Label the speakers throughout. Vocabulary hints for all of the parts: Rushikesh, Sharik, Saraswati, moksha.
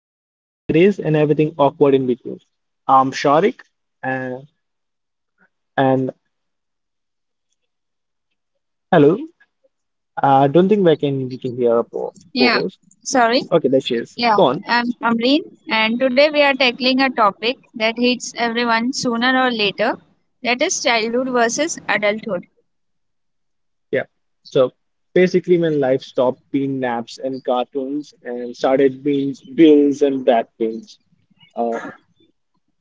Speaker 1: life as it is, and everything awkward in between. I'm Sharik, and, and hello. I don't think we can hear a
Speaker 2: Yeah,
Speaker 1: co-host.
Speaker 2: sorry.
Speaker 1: Okay, there she is.
Speaker 2: Yeah,
Speaker 1: Go on.
Speaker 2: I'm Amreen, and today we are tackling a topic that hits everyone sooner or later, that is childhood versus adulthood.
Speaker 1: Yeah. So basically, when life stopped being naps and cartoons and started being bills and back pains. Uh,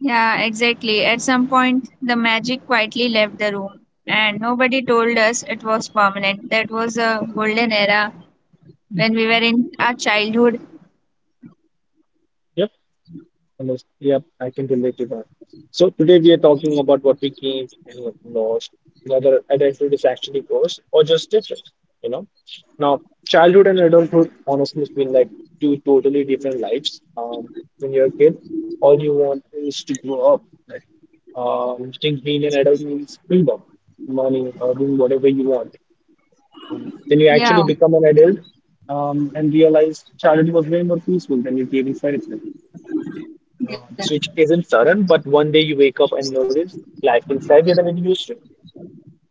Speaker 2: Yeah, exactly. At some point, the magic quietly left the room, and nobody told us it was permanent. That was a golden era when we were in our childhood.
Speaker 1: yeah. Almost. Yep, I can relate to that. So today we are talking about what we gained and what we lost, whether adulthood is actually worse or just different, you know. Now, childhood and adulthood honestly has been like two totally different lives. When you're a kid, all you want is to grow up. Like, you think being an adult means freedom, money, or doing whatever you want. Then you
Speaker 2: Yeah,
Speaker 1: actually become an adult, and realize childhood was way more peaceful than you gave it credit for.
Speaker 2: yeah,
Speaker 1: No, the switch isn't sudden, but 1 day you wake up and notice life feels heavier than it used to.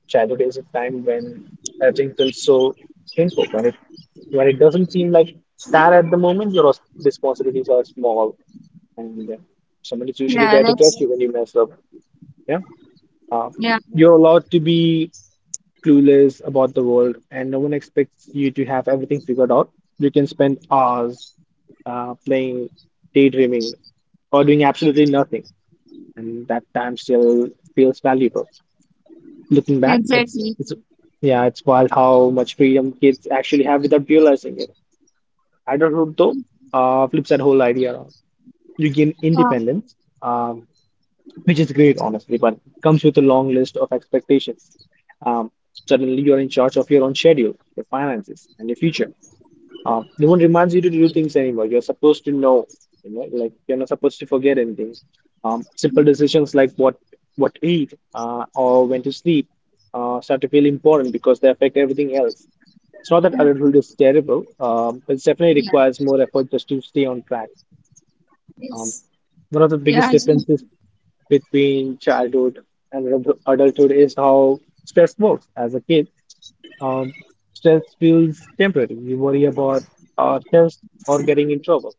Speaker 1: Childhood is a time when everything feels so simple. When it doesn't seem like that at the moment, your responsibilities are small, and someone is usually
Speaker 2: yeah,
Speaker 1: there to catch you when you mess up. Yeah, uh,
Speaker 2: yeah,
Speaker 1: you're allowed to be clueless about the world, and no one expects you to have everything figured out. You can spend hours playing, daydreaming, or doing absolutely nothing, and that time still feels valuable. Looking back, it's
Speaker 2: exactly.
Speaker 1: it's exactly. Yeah, it's wild how much freedom kids actually have without realizing it. Adulthood, though, flips that whole idea around. You gain
Speaker 2: Uh,
Speaker 1: independence, um, which is great, honestly, but it comes with a long list of expectations. Um, Suddenly, you're in charge of your own schedule, your finances, and your future. No one reminds you to do things anymore. You're supposed to know, you know, like you're not supposed to forget anything. Simple decisions like what to eat, or when to sleep, start to feel important because they affect everything else. It's not that
Speaker 2: yeah,
Speaker 1: adulthood is terrible, but it definitely
Speaker 2: yeah,
Speaker 1: requires more effort just to stay on track. Um,
Speaker 2: yes,
Speaker 1: One of the
Speaker 2: yeah,
Speaker 1: biggest
Speaker 2: sure.
Speaker 1: differences between childhood and adulthood is how stress works as a kid. Um, Stress feels temporary. You worry about a test or getting in trouble,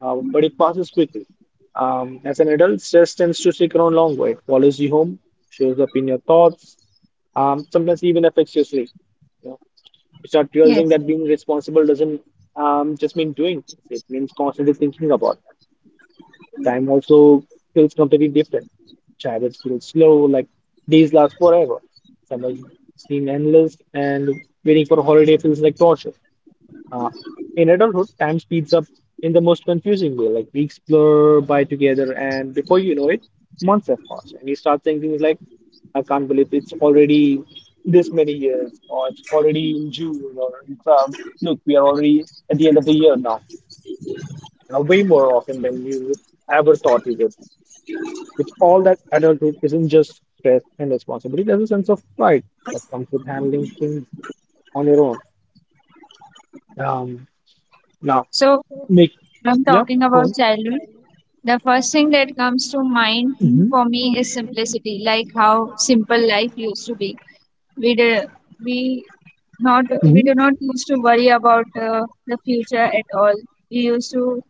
Speaker 1: but it passes quickly. As an adult, stress tends to stick around longer. It follows you home, shows up in your thoughts, sometimes even affects your sleep. You know, you start realizing
Speaker 2: Yes.
Speaker 1: that being responsible doesn't just mean doing things. It means constantly thinking about. Time also feels completely different. Childhood feels slow, like days last forever. Summer seem endless, and waiting for a holiday feels like torture. Uh, in adulthood, time speeds up in the most confusing way, like weeks blur by together, and before you know it, months have passed, and you start saying things like, I can't believe it's already this many years, or it's already in June, or look, we are already at the end of the year now, and way more often than you ever thought you would. With all that, adulthood isn't just stress and responsibility, there's a sense of pride that comes with handling things on your own. Um, Now,
Speaker 2: So,
Speaker 1: make,
Speaker 2: I'm
Speaker 1: yeah,
Speaker 2: talking
Speaker 1: go on.
Speaker 2: about childhood. The first thing that comes to mind
Speaker 1: Mhm,
Speaker 2: for me is simplicity, like how simple life used to be. We do, we not we
Speaker 1: mhm,
Speaker 2: do not used to worry about the future at all. We used to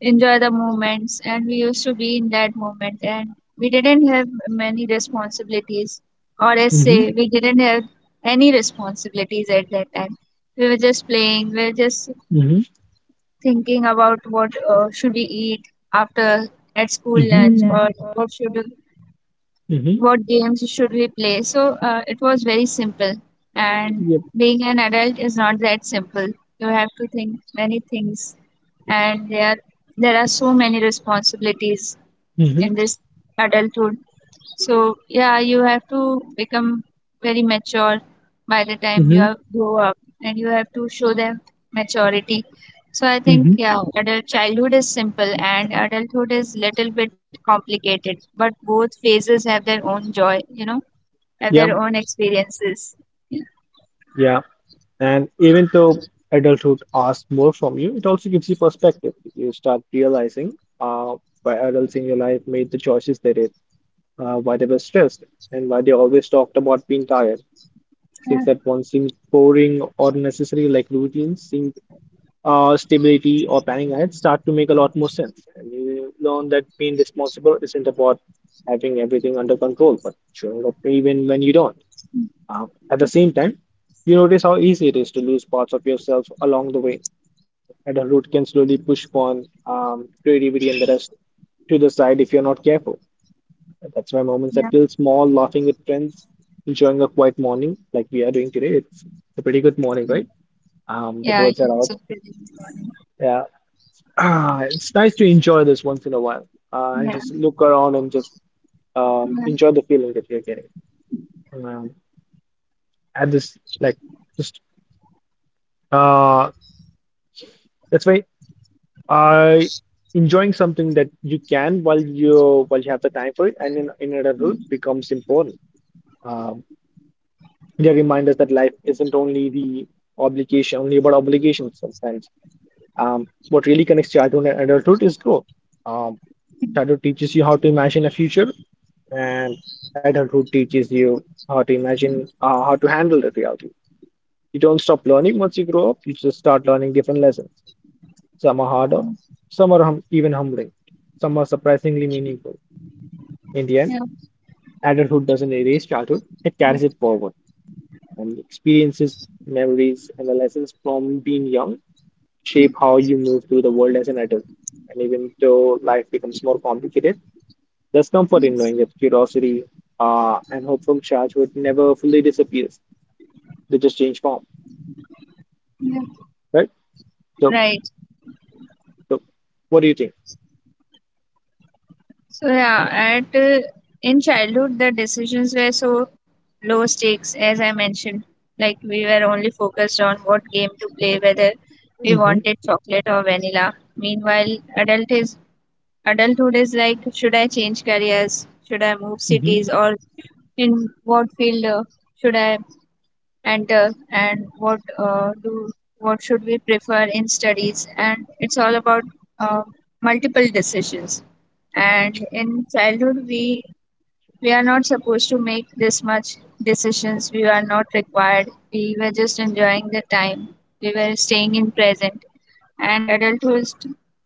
Speaker 2: enjoy the moments, and we used to be in that moment, and we didn't have many responsibilities, or as
Speaker 1: mhm,
Speaker 2: say, we didn't have any responsibilities at that time. We were just playing, we were just
Speaker 1: mhm,
Speaker 2: thinking about what should we eat after at school lunch,
Speaker 1: mhm.
Speaker 2: or what should
Speaker 1: Mm-hmm.
Speaker 2: what games should we play. So it was very simple, and
Speaker 1: Yep.
Speaker 2: being an adult is not that simple. You have to think many things, and there are so many responsibilities
Speaker 1: Hmm.
Speaker 2: in this adulthood. So yeah, you have to become very mature by the time you
Speaker 1: Hmm.
Speaker 2: are grow up, and you have to show them maturity. So I think
Speaker 1: Hmm.
Speaker 2: yeah, adult childhood is simple, and adulthood is little bit complicated, but both phases have their own joy, have
Speaker 1: Yeah.
Speaker 2: their own experiences.
Speaker 1: Yeah. And even though adulthood asks more from you, it also gives you perspective. You start realizing uh, why adults in your life made the choices they did, why they were stressed and why they always talked about being tired,
Speaker 2: Yeah,
Speaker 1: since that one seemed boring or necessary, like routines seemed, stability or planning ahead start to make a lot more sense. And you learn that being responsible isn't about having everything under control, but showing up even when you don't. At the same time, you notice how easy it is to lose parts of yourself along the way, and a route can slowly push one creativity and the rest to the side if you're not careful. That's why moments
Speaker 2: yeah,
Speaker 1: that feel small, laughing with friends, enjoying a quiet morning like we are doing today. It's a pretty good morning, right? The
Speaker 2: yeah,
Speaker 1: birds
Speaker 2: yeah,
Speaker 1: are
Speaker 2: it's a
Speaker 1: out.
Speaker 2: pretty-
Speaker 1: Yeah. Ah, it's nice to enjoy this once in a while.
Speaker 2: yeah,
Speaker 1: And just look around and just
Speaker 2: yeah,
Speaker 1: enjoy the feeling that you're getting. Um, at this, like, just uh, that's why I enjoying something that you can while you have the time for it and in adulthood becomes important. Um, They remind us that life isn't only about obligations sometimes. What really connects childhood and adulthood is growth. Um, Childhood teaches you how to imagine a future, and adulthood teaches you how to imagine, how to handle the reality. You don't stop learning once you grow up, you just start learning different lessons. Some are harder, some are hum even humbling, some are surprisingly meaningful. In the end,
Speaker 2: yeah,
Speaker 1: adulthood doesn't erase childhood, it carries it forward, and experiences, memories, and the lessons from being young shape how you move through the world as an adult. And even though life becomes more complicated, there's comfort in
Speaker 2: yes,
Speaker 1: knowing that curiosity and hopeful charge would never fully disappear. They just change form,
Speaker 2: yeah.
Speaker 1: right? So,
Speaker 2: Right.
Speaker 1: so what do you think?
Speaker 2: So yeah, at in childhood the decisions were so low stakes, as I mentioned. Like we were only focused on what game to play, whether we
Speaker 1: Mm-hmm,
Speaker 2: wanted chocolate or vanilla. Meanwhile, adulthood is like, should I change careers? Should I move
Speaker 1: mm-hmm,
Speaker 2: cities, or in what field should I and what should we prefer in studies? And it's all about uh, multiple decisions. And in childhood, we are not supposed to make this much decisions, we are not required. We were just enjoying the time, we were staying in present. And adulthood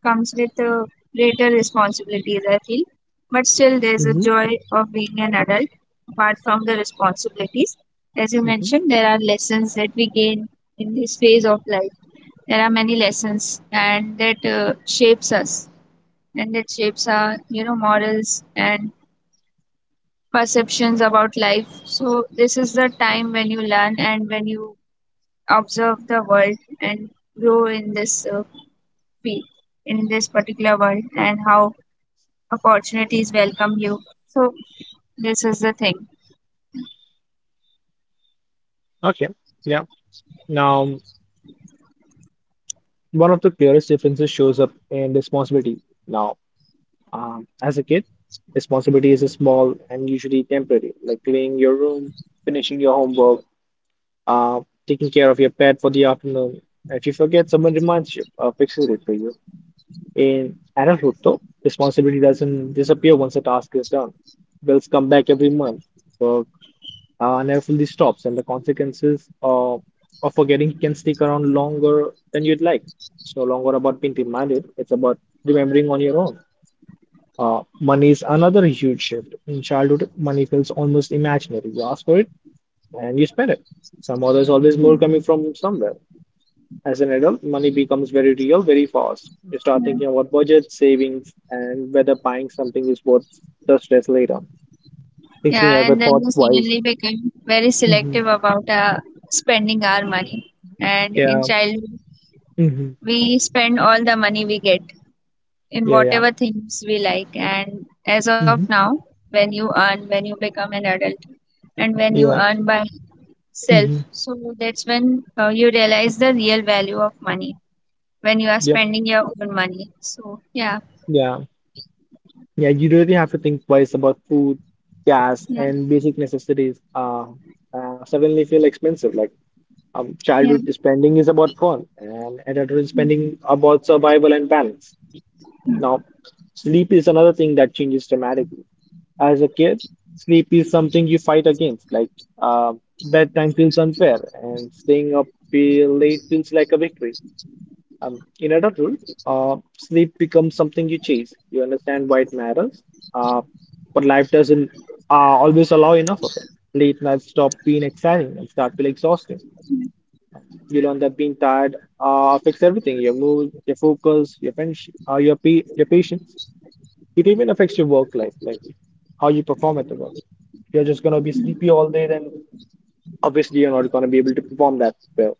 Speaker 2: comes with greater responsibilities, I feel, but still there's a
Speaker 1: mm-hmm,
Speaker 2: joy of being an adult, apart from the responsibilities. As you
Speaker 1: mm-hmm.
Speaker 2: mentioned, there are lessons that we gain in this phase of life. There are many lessons, and that shapes us, and that shapes our morals and perceptions about life. So this is the time when you learn and when you observe the world and grow feel in this particular world, and how opportunities welcome you. So this is the thing.
Speaker 1: Okay, yeah. Now, one of the clearest differences shows up in responsibility. Now, as a kid, responsibility is small and usually temporary, like cleaning your room, finishing your homework, uh, taking care of your pet for the afternoon. If you forget, someone reminds you or fixes it for you. In adulthood, though, responsibility doesn't disappear once a task is done. Bills come back every month. Work never fully stops, and the consequences of forgetting can stick around longer than you'd like. It's no longer about being reminded, it's about remembering on your own. Money is another huge shift. In childhood, money feels almost imaginary. You ask for it and you spend it. Somehow there's always more coming from somewhere. As an adult, money becomes very real very fast. You start
Speaker 2: Yeah.
Speaker 1: thinking about budget, savings, and whether buying something is worth the stress later. Things you
Speaker 2: Yeah,
Speaker 1: never
Speaker 2: and then we
Speaker 1: thought twice.
Speaker 2: suddenly became very selective
Speaker 1: Hmm.
Speaker 2: about spending our money. And in
Speaker 1: Yeah.
Speaker 2: childhood,
Speaker 1: Hmm.
Speaker 2: we spend all the money we get in
Speaker 1: Yeah. Yeah.
Speaker 2: whatever things we like. And as of
Speaker 1: Hmm.
Speaker 2: now, when you earn, when you become an adult, and when you
Speaker 1: Yeah.
Speaker 2: earn by self,
Speaker 1: Hmm.
Speaker 2: so that's when you realize the real value of money, when you are
Speaker 1: Yep.
Speaker 2: spending your own money. So, yeah.
Speaker 1: Yeah. Yeah, you really have to think twice about food, gas,
Speaker 2: Yeah,
Speaker 1: and basic necessities. Suddenly feel expensive.
Speaker 2: yeah,
Speaker 1: Childhood spending is about fun, and adulthood spending about survival and balance. Now, sleep is another thing that changes dramatically. As a kid, sleep is something you fight against. Uh, Bedtime feels unfair, and staying up feel late feels like a victory. In adulthood, sleep becomes something you chase. You understand why it matters, uh, but life doesn't, always allow enough of it. Late nights stop being exciting and start feeling exhausting. Um, You learn that being tired affects everything, your mood, your focus, your friendship, your patience. It even affects your work life, like how you perform at the work. If you're just gonna be sleepy all day, then obviously you're not gonna be able to perform that well.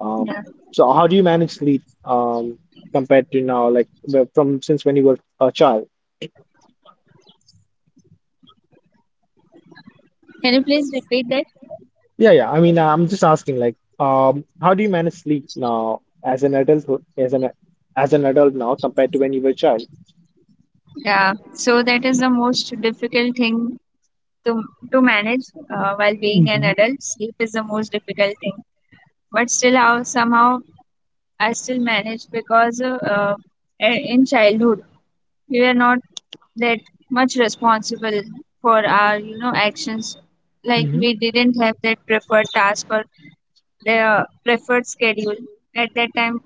Speaker 1: Um,
Speaker 2: yeah.
Speaker 1: so how do you manage sleep compared to now, like from since when you were a child?
Speaker 2: Can you please repeat that?
Speaker 1: Yeah, yeah. I mean, I'm just asking, like, how do you manage sleep now as an adult, as an adult now compared to when you were a child?
Speaker 2: Yeah. So that is the most difficult thing to to manage while being an
Speaker 1: Mm-hmm.
Speaker 2: adult. Sleep is the most difficult thing, but still, how somehow I still manage, because in childhood we were not that much responsible for our actions. Like
Speaker 1: Mm-hmm.
Speaker 2: we didn't have that preferred task or the preferred schedule at that time.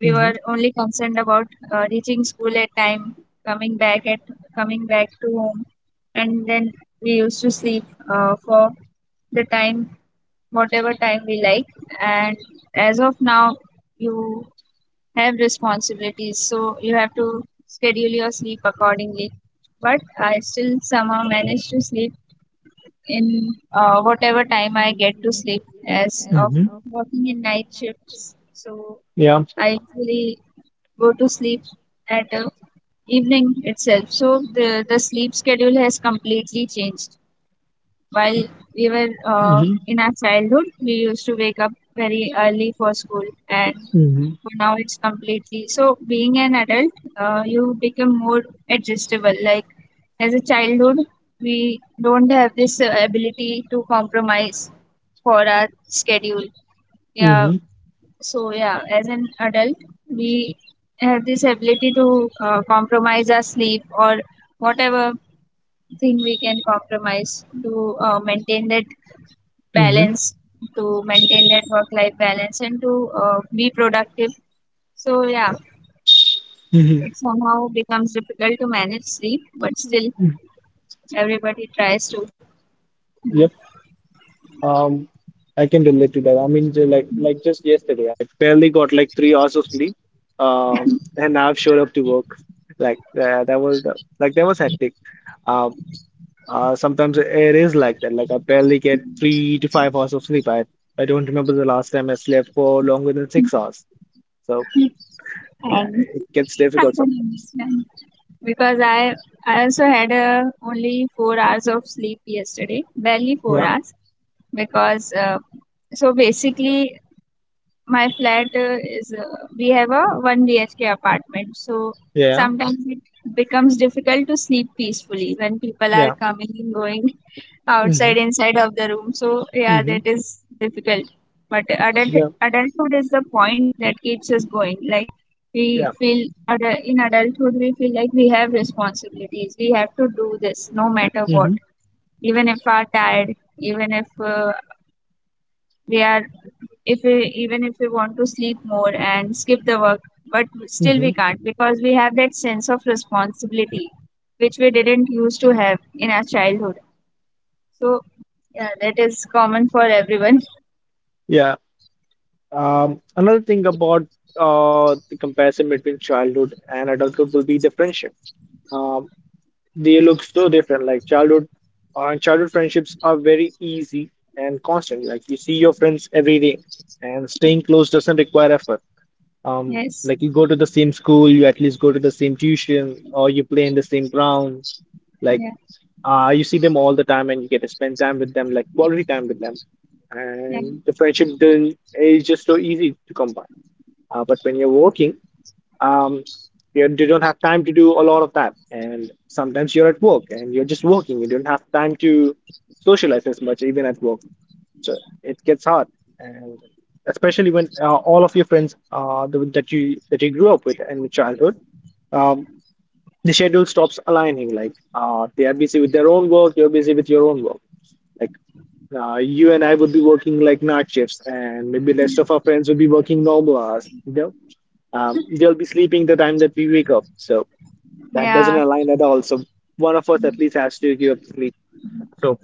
Speaker 2: We
Speaker 1: Mm-hmm.
Speaker 2: were only concerned about reaching school at time, coming back at coming back to home, and then we used to sleep for the time, whatever time we like. And as of now, you have responsibilities, so you have to schedule your sleep accordingly. But I still somehow manage to sleep in whatever time I get to sleep, as of
Speaker 1: Mm-hmm.
Speaker 2: working in night shifts. So
Speaker 1: Yeah.
Speaker 2: I usually go to sleep at evening itself. So the sleep schedule has completely changed. While we were
Speaker 1: Mm-hmm.
Speaker 2: in our childhood, we used to wake up very early for school, and for
Speaker 1: Mm-hmm.
Speaker 2: now it's completely. So being an adult, you become more adjustable. Like as a childhood, we don't have this ability to compromise for our schedule. Yeah,
Speaker 1: Mm-hmm.
Speaker 2: so yeah, as an adult, we have this ability to compromise our sleep, or whatever thing we can compromise to maintain that balance, to maintain that work-life balance, and to be productive. So yeah,
Speaker 1: Mm-hmm.
Speaker 2: it somehow becomes difficult to manage sleep, but still everybody tries to.
Speaker 1: Mm-hmm. Um, I can relate to that. I mean, like just yesterday, I barely got like 3 hours of sleep. And I've showed up to work. That was that was hectic. Um, Sometimes it is like that. Like I barely get 3 to 5 hours of sleep. I don't remember the last time I slept for longer than 6 hours. So yeah,
Speaker 2: And
Speaker 1: it gets
Speaker 2: I
Speaker 1: difficult
Speaker 2: can
Speaker 1: sometimes.
Speaker 2: understand, because I also had only 4 hours of sleep yesterday, barely four
Speaker 1: Yeah,
Speaker 2: hours because so basically my flat is we have a 1 BHK apartment. So
Speaker 1: yeah,
Speaker 2: sometimes it becomes difficult to sleep peacefully when people are
Speaker 1: yeah.
Speaker 2: coming and going outside
Speaker 1: Mm-hmm.
Speaker 2: inside of the room. So yeah,
Speaker 1: Mm-hmm.
Speaker 2: that is difficult, but adult
Speaker 1: Yeah,
Speaker 2: adulthood is the point that keeps us going. Like we
Speaker 1: yeah.
Speaker 2: feel in adulthood we feel like we have responsibilities, we have to do this no matter what,
Speaker 1: Mm-hmm.
Speaker 2: even if we are tired, even if uh, we are even if we want to sleep more and skip the work, but still we
Speaker 1: Hmm.
Speaker 2: can't, because we have that sense of responsibility, which we didn't used to have in our childhood. So yeah, that is common for everyone.
Speaker 1: Yeah. Another thing about the comparison between childhood and adulthood will be the friendship. Um, they look so different. Childhood friendships are very easy and constant. Like you see your friends every day, and staying close doesn't require effort.
Speaker 2: Yes,
Speaker 1: Like you go to the same school, you at least go to the same tuition, or you play in the same ground. Like
Speaker 2: yeah,
Speaker 1: you see them all the time, and you get to spend time with them, like quality time with them.
Speaker 2: yeah,
Speaker 1: And the friendship then is just so easy to come by. But when you're working, um, you don't have time to do a lot of that. And sometimes you're at work and you're just working. You don't have time to socialize as much, even at work. So it gets hard, and especially when all of your friends the, that you grew up with in childhood, um, the schedule stops aligning. Like they are busy with their own work, you're busy with your own work. Like you and I would be working like night shifts, and maybe rest of our friends would be working normal hours. You know, they'll be sleeping the time that we wake up. So that doesn't
Speaker 2: yeah,
Speaker 1: align at all. So one of us at least has to give up sleep. So,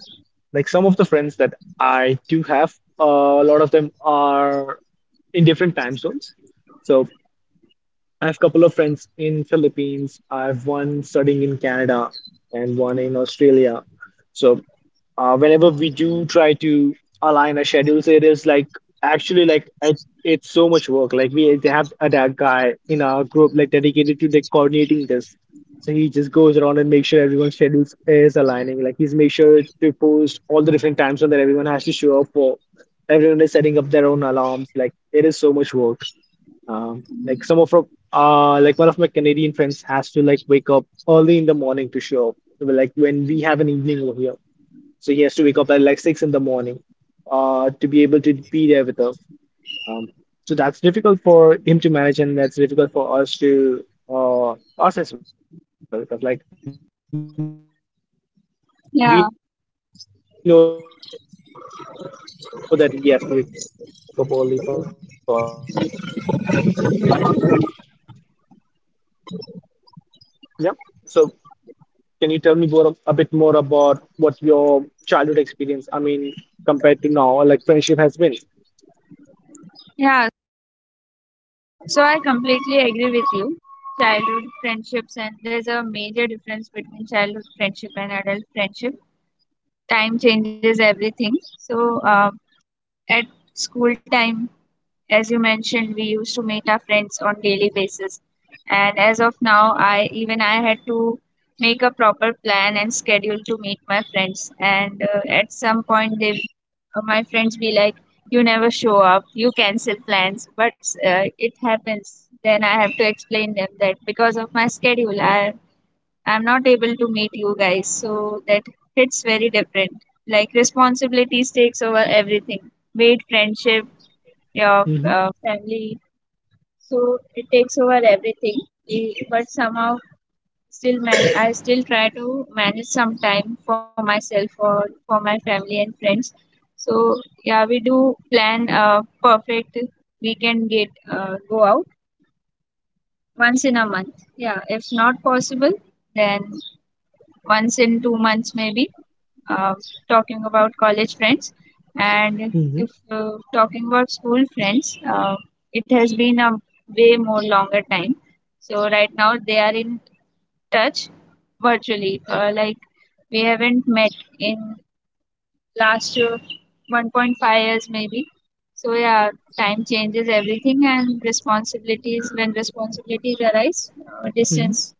Speaker 1: like some of the friends that I do have, a lot of them are in different time zones. So I have a couple of friends in Philippines. I have one studying in Canada and one in Australia. So whenever we do try to align our schedules, it is like actually like it, it's so much work. Like we they have a that guy in our group like dedicated to like coordinating this. So he just goes around and makes sure everyone's schedules is aligning. Like he's make sure to post all the different times so that everyone has to show up for. Everyone is setting up their own alarms. Like it is so much work. Like some of our, like one of my Canadian friends has to like wake up early in the morning to show up. So, like when we have an evening over here so he has to wake up at like six in the morning to be able to be there with us. Um, so that's difficult for him to manage, and that's difficult for us to uh, us as well because like we know that he has to wake up early for us. Um, so
Speaker 2: yeah,
Speaker 1: that's it gets difficult for a lot of us. I'm sure it's something similar for you as well. Yep. So can you tell me more a bit more about what your childhood experience? I mean, compared to now, like friendship has been.
Speaker 2: yeah. So I completely agree with you. Childhood friendships, and there's a major difference between childhood friendship and adult friendship. Time changes everything. So um, at school time, as you mentioned, we used to meet our friends on daily basis. And as of now, I even I had to make a proper plan and schedule to meet my friends. And at some point, my friends be like, "You never show up. You cancel plans." But it happens. Then I have to explain them that because of my schedule, I'm not able to meet you guys. So that hits very different. Like responsibilities takes over everything. Be it friendship, your
Speaker 1: Mm-hmm.
Speaker 2: family, so it takes over everything. But somehow, still man I still try to manage some time for myself or for my family and friends. So yeah, we do plan a perfect weekend, get go out once in a month. Yeah, if not possible, then once in 2 months maybe. uh, Talking about college friends, and
Speaker 1: Mm-hmm.
Speaker 2: if talking about school friends, it has been a way more longer time. So right now they are in touch virtually, like we haven't met in last 1.5 years maybe. So yeah, time changes everything, and responsibilities when responsibilities arise, distance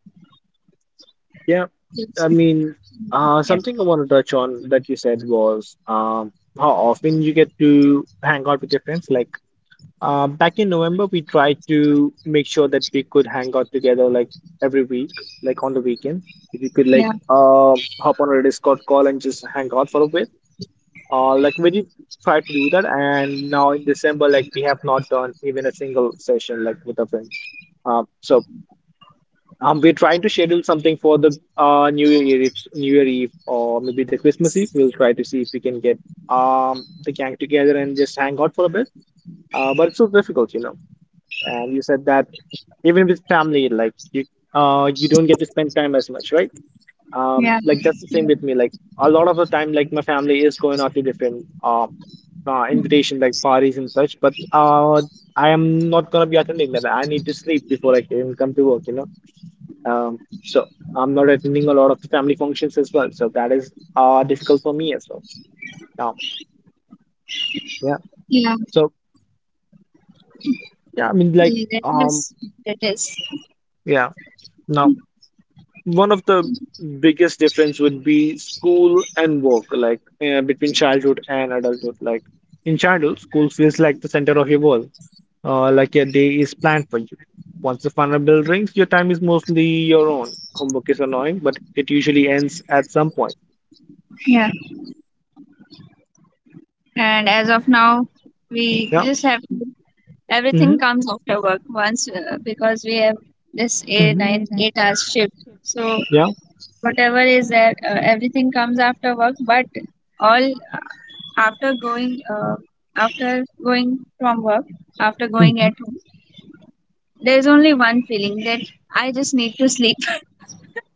Speaker 1: Yeah,
Speaker 2: keeps.
Speaker 1: I mean,
Speaker 2: Yeah,
Speaker 1: something I want to touch on that you said was how often you get to hang out with your friends. Like back in November, we tried to make sure that we could hang out together like every week, like on the weekends. If you could
Speaker 2: yeah,
Speaker 1: like hop on a Discord call and just hang out for a bit. Like we did try to do that, and now in December, like we have not done even a single session like with our friends. Um, so. We're trying to schedule something for the New Year Eve, New Year Eve, or maybe the Christmas Eve. We'll try to see if we can get the gang together and just hang out for a bit. But it's so difficult, you know. And you said that even with family, like you don't get to spend time as much, right?
Speaker 2: yeah,
Speaker 1: Like that's the same with me. Like a lot of the time, like my family is going out to different invitation like parties and such, but I am not gonna be attending that. I need to sleep before I can come to work, you know. So I'm not attending a lot of the family functions as well. So that is difficult for me as well now. Yeah.
Speaker 2: yeah.
Speaker 1: So yeah, I mean like um
Speaker 2: Yes, it is.
Speaker 1: yeah. Now one of the biggest difference would be school and work, like between childhood and adulthood. Like in childhood, school feels like the center of your world. Like your day is planned for you. Once the final bell rings, your time is mostly your own. Homework is annoying, but it usually ends at some point.
Speaker 2: Yeah. And as of now, we
Speaker 1: Yeah.
Speaker 2: just have
Speaker 1: Mm-hmm.
Speaker 2: everything comes after work, once because we have this
Speaker 1: Mm-hmm.
Speaker 2: eight hours shift. So
Speaker 1: Yeah.
Speaker 2: whatever is there, everything comes after work. But all after going uh, after going from work, after going
Speaker 1: Mm.
Speaker 2: at home, there is only one feeling, that I just need to sleep.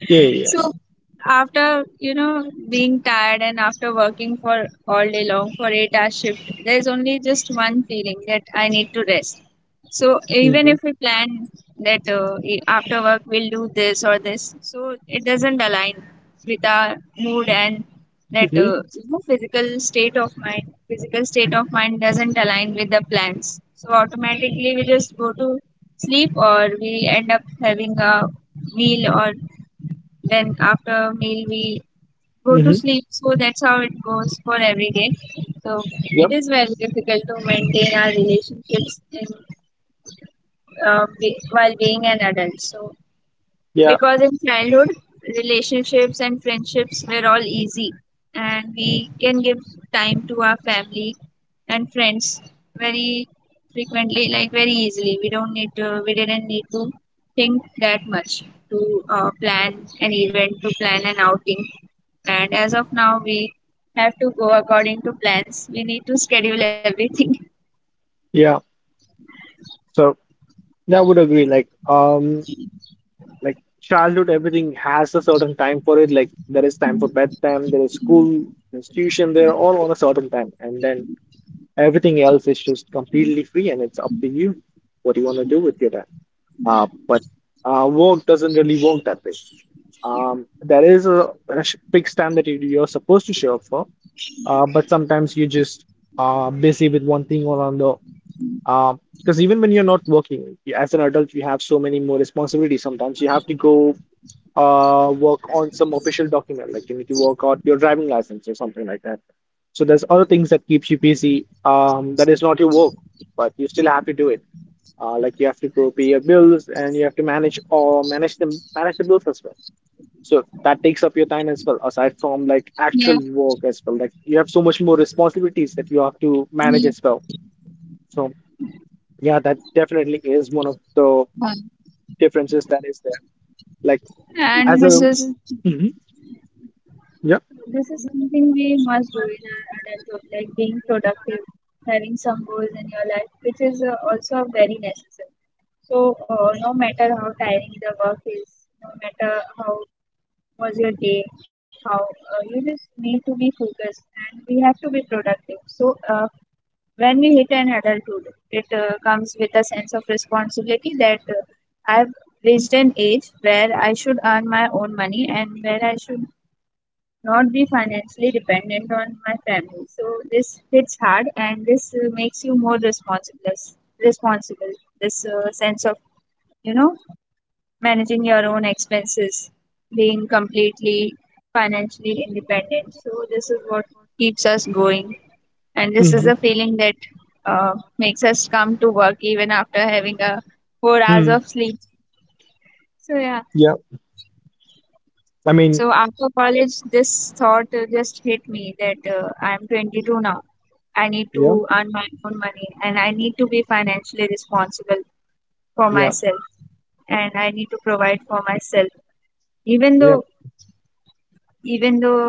Speaker 1: Yeah, yeah,
Speaker 2: So after being tired, and after working for all day long for 8 hour shift, there is only just one feeling, that I need to rest. So
Speaker 1: yeah.
Speaker 2: even
Speaker 1: Mm-hmm.
Speaker 2: if we plan that, after work we'll do this or this, so it doesn't align with our mood and
Speaker 1: Mm-hmm.
Speaker 2: physical state of mind. Physical state of mind doesn't align with the plans. So automatically we just go to sleep, or we end up having a meal, or then after meal we go to
Speaker 1: Mm-hmm.
Speaker 2: sleep. So that's how it goes for every day. So it
Speaker 1: Yep.
Speaker 2: is very difficult to maintain our relationships while being an adult. So
Speaker 1: Yeah.
Speaker 2: because in childhood, relationships and friendships were all easy, and we can give time to our family and friends very frequently, like very easily, we didn't need to think that much to plan an event, to plan an outing. And as of now, we have to go according to plans, we need to schedule everything.
Speaker 1: Yeah. So yeah, I would agree. Like childhood, everything has a certain time for it. Like there is time for bedtime, there is school, there's tuition, they're all on a certain time. And then everything else is just completely free and it's up to you what you want to do with your time. But work doesn't really work that way. There is a, fixed time that you're supposed to show up for, but sometimes you're just busy with one thing or another. Because even when you're not working, as an adult, you have so many more responsibilities. Sometimes you have to go work on some official document, like you need to work out your driving license or something like that. So there's other things that keeps you busy, that is not your work, but you still have to do it like you have to go pay your bills and you have to manage the bills as well, so that takes up your time as well aside from like
Speaker 2: Yeah.
Speaker 1: actual work as well. Like you have so much more responsibilities that you have to manage
Speaker 2: Yeah.
Speaker 1: as well. So yeah, that definitely is one of the differences that is there. Like
Speaker 2: and
Speaker 1: as a
Speaker 2: this is
Speaker 1: hmm yeah
Speaker 2: This is something we must do in our adulthood, like being productive, having some goals in your life, which is also very necessary. So, no matter how tiring the work is, no matter how was your day, how you just need to be focused, and we have to be productive. So, when we hit an adulthood, it comes with a sense of responsibility that I've reached an age where I should earn my own money, and where I should not be financially dependent on my family. So this hits hard, and this makes you more responsible. Responsible. This sense of you know managing your own expenses, being completely financially independent. So this is what keeps us going, and this is
Speaker 1: hmm
Speaker 2: the feeling that uh, makes us come to work even after having a 4 hours
Speaker 1: mm,
Speaker 2: of sleep. So yeah,
Speaker 1: yeah I mean
Speaker 2: so after college, this thought just hit me, that I am 22 now. I need
Speaker 1: yeah,
Speaker 2: to earn my own money, and I need to be financially responsible for
Speaker 1: yeah,
Speaker 2: myself, and I need to provide for myself. Even
Speaker 1: yeah.
Speaker 2: though, even though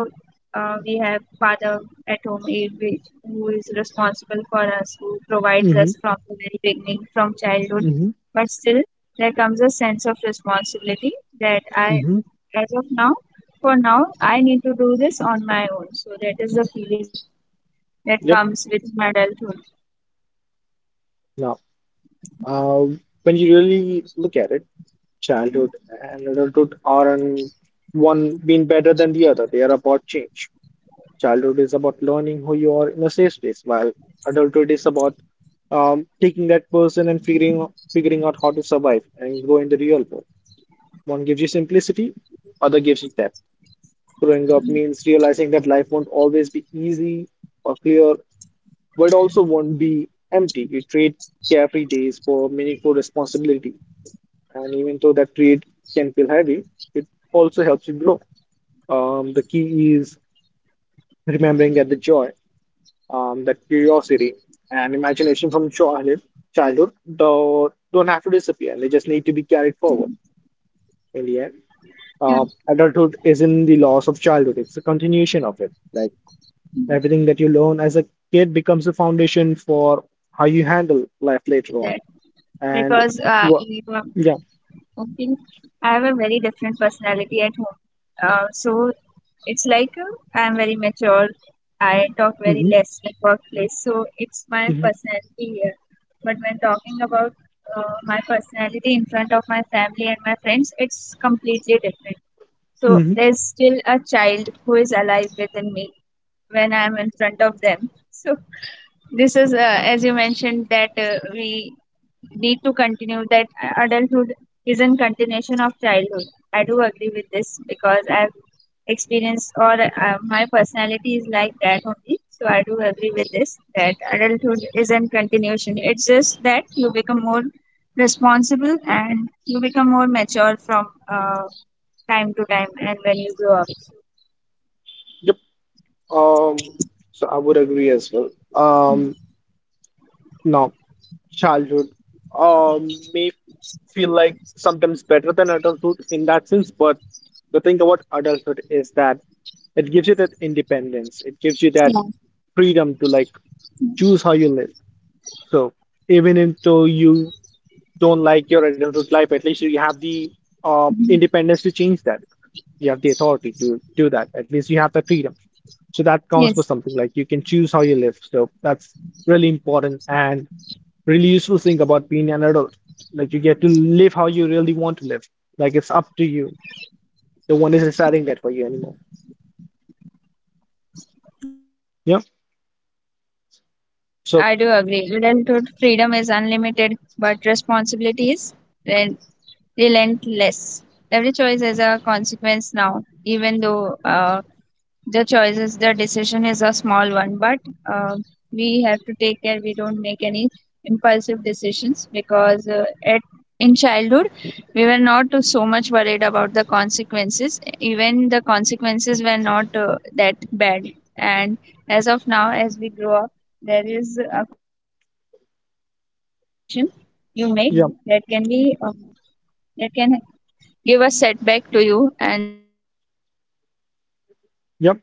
Speaker 2: uh, we have father at home, who is responsible for us, who provides
Speaker 1: Mm-hmm,
Speaker 2: us from the very beginning, from childhood,
Speaker 1: mm-hmm,
Speaker 2: but still there comes a sense of responsibility that I
Speaker 1: mm-hmm.
Speaker 2: as of now for now I need to do this on my own. So that is the feeling that
Speaker 1: Yep.
Speaker 2: comes with my adulthood.
Speaker 1: Now, when you really look at it, childhood and adulthood aren't one being better than the other. They are about change. Childhood is about learning who you are in a safe space, while adulthood is about taking that person and figuring out how to survive and grow in the real world. One gives you simplicity, other gives you depth. Growing up means realizing that life won't always be easy or clear, but it also won't be empty. You trade carefree days for meaningful responsibilities, and even though that trade can feel heavy, it also helps you grow. The key is remembering that the joy, that curiosity, and imagination from childhood, though, don't have to disappear. They just need to be carried forward. In the end,
Speaker 2: Yeah,
Speaker 1: adulthood isn't the loss of childhood; it's a continuation of it. Like everything that you learn as a kid becomes a foundation for how
Speaker 2: yeah,
Speaker 1: you
Speaker 2: I do
Speaker 1: handle
Speaker 2: agree with
Speaker 1: life
Speaker 2: that,
Speaker 1: later on.
Speaker 2: because
Speaker 1: And what? Yeah.
Speaker 2: I think I have a very different personality at home. So it's like I'm very mature, I talk very
Speaker 1: Hmm.
Speaker 2: less at workplace, so it's my
Speaker 1: Hmm.
Speaker 2: personality here. But when talking about my personality in front of my family and my friends, it's completely different. So
Speaker 1: Hmm.
Speaker 2: there's still a child who is alive within me when I'm in front of them. So this is, as you mentioned, that we need to continue that. Adulthood is in continuation of childhood. I do agree with this, because I've experienced, or my personality is like that only. So I do agree with this, that adulthood is in continuation. It's just that you become more responsible and you become more mature from time to time, and when you grow up.
Speaker 1: Um, so I would agree as well. Um, no, childhood may feel like sometimes better than adulthood in that sense, but the thing about adulthood is that it gives you that independence. It gives you that
Speaker 2: Yeah.
Speaker 1: freedom to like choose how you live. So even into you don't like your adulthood life, at least you have the
Speaker 2: Mhm.
Speaker 1: independence to change that. You have the authority to do that. At least you have the freedom. So that counts for
Speaker 2: Yes.
Speaker 1: something. Like you can choose how you live. So that's really important and really useful thing about being an adult. Like you get to live how you really want to live. Like it's up to you. No one is deciding that for you anymore.
Speaker 2: Yeah,
Speaker 1: Yeah.
Speaker 2: so
Speaker 1: So
Speaker 2: I do agree. Adulthood freedom is unlimited, but responsibility is ren- relentless. Every choice has a consequence now, even though the decision is a small one, but uh, we have to take care we don't make any impulsive decisions, because at in childhood we were not so much worried about the consequences, even the consequences were not that bad. And as of now, as we grow up, there is consequences of every decision you make, that
Speaker 1: yeah,
Speaker 2: can be that can give a setback to you, and that can be very wrong
Speaker 1: yep.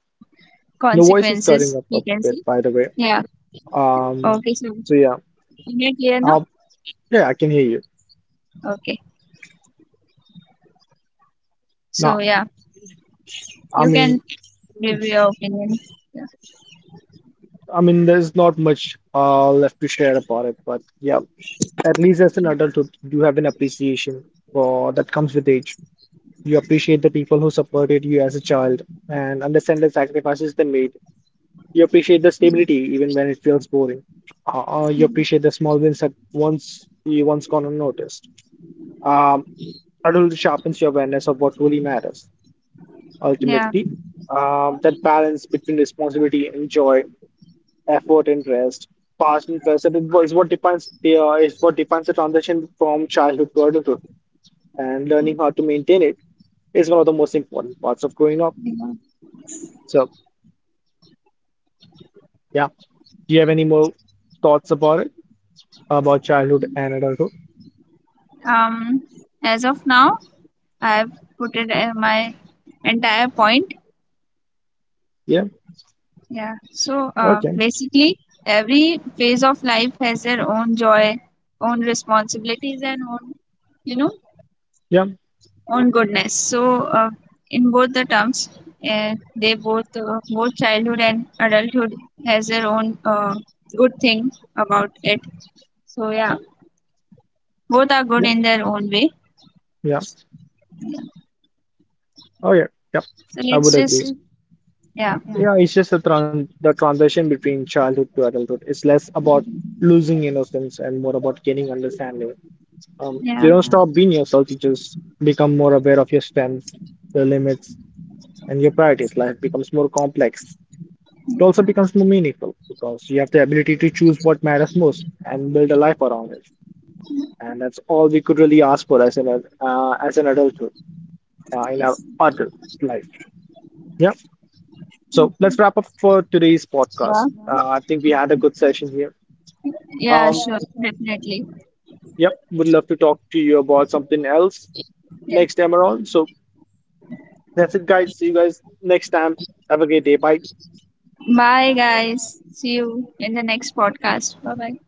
Speaker 1: Your
Speaker 2: consequences,
Speaker 1: voice is
Speaker 2: we
Speaker 1: cutting up
Speaker 2: can
Speaker 1: a
Speaker 2: see.
Speaker 1: bit, by the way.
Speaker 2: Yeah, okay,
Speaker 1: Um.
Speaker 2: so,
Speaker 1: So yeah.
Speaker 2: am I clear now?
Speaker 1: Um. Yeah, I can hear you
Speaker 2: Okay, so
Speaker 1: now.
Speaker 2: yeah,
Speaker 1: I
Speaker 2: you can
Speaker 1: mean.
Speaker 2: give your opinion. Yeah,
Speaker 1: I mean, there's not much left to share about it, but yeah, at least as an adulthood, you have an appreciation for that comes with age. You appreciate the people who supported you as a child and understand the sacrifices they made. You appreciate the stability even when it feels boring. You appreciate the small wins that once gone unnoticed. Um, adulthood sharpens your awareness of what truly matters.
Speaker 2: yeah.
Speaker 1: Ultimately, that balance between responsibility and joy, effort and rest, past and present it wa- what defines the is what defines the transition from childhood to adulthood, and learning how to maintain it is one of the most important parts of growing up.
Speaker 2: Yeah.
Speaker 1: So, yeah, do you have any more thoughts about it, about childhood and adulthood?
Speaker 2: um as of now, I've put it my entire point.
Speaker 1: Yeah.
Speaker 2: Yeah. So
Speaker 1: Okay.
Speaker 2: basically every phase of life has their own joy, own responsibilities, and own, you know
Speaker 1: Yeah.
Speaker 2: own goodness. So, in both the terms, they both both childhood and adulthood has their own good thing about it. So yeah, both are good
Speaker 1: Yeah.
Speaker 2: in their own way.
Speaker 1: Yeah. Oh yeah. Yeah.
Speaker 2: So
Speaker 1: I would
Speaker 2: let's just
Speaker 1: agree.
Speaker 2: yeah,
Speaker 1: Yeah, it's just the transition between childhood to adulthood. It's less about losing innocence and more about gaining understanding.
Speaker 2: yeah,
Speaker 1: You don't stop being yourself, you just become more aware of your strengths, your limits, and your priorities. Life becomes more complex. It also becomes more meaningful because you have the ability to choose what matters most and build a life around it. And that's all we could really ask for as as an adulthood in our adult life. Yeah. So let's wrap up for today's
Speaker 2: yeah,
Speaker 1: podcast. I think we had a good session here.
Speaker 2: yeah,
Speaker 1: Um,
Speaker 2: sure, definitely,
Speaker 1: Yep, would love to talk to you about something else
Speaker 2: yeah.
Speaker 1: next time around. So that's it, guys. See you guys next time. Have a great day. Bye.
Speaker 2: Bye guys. See you in the next podcast. Bye bye.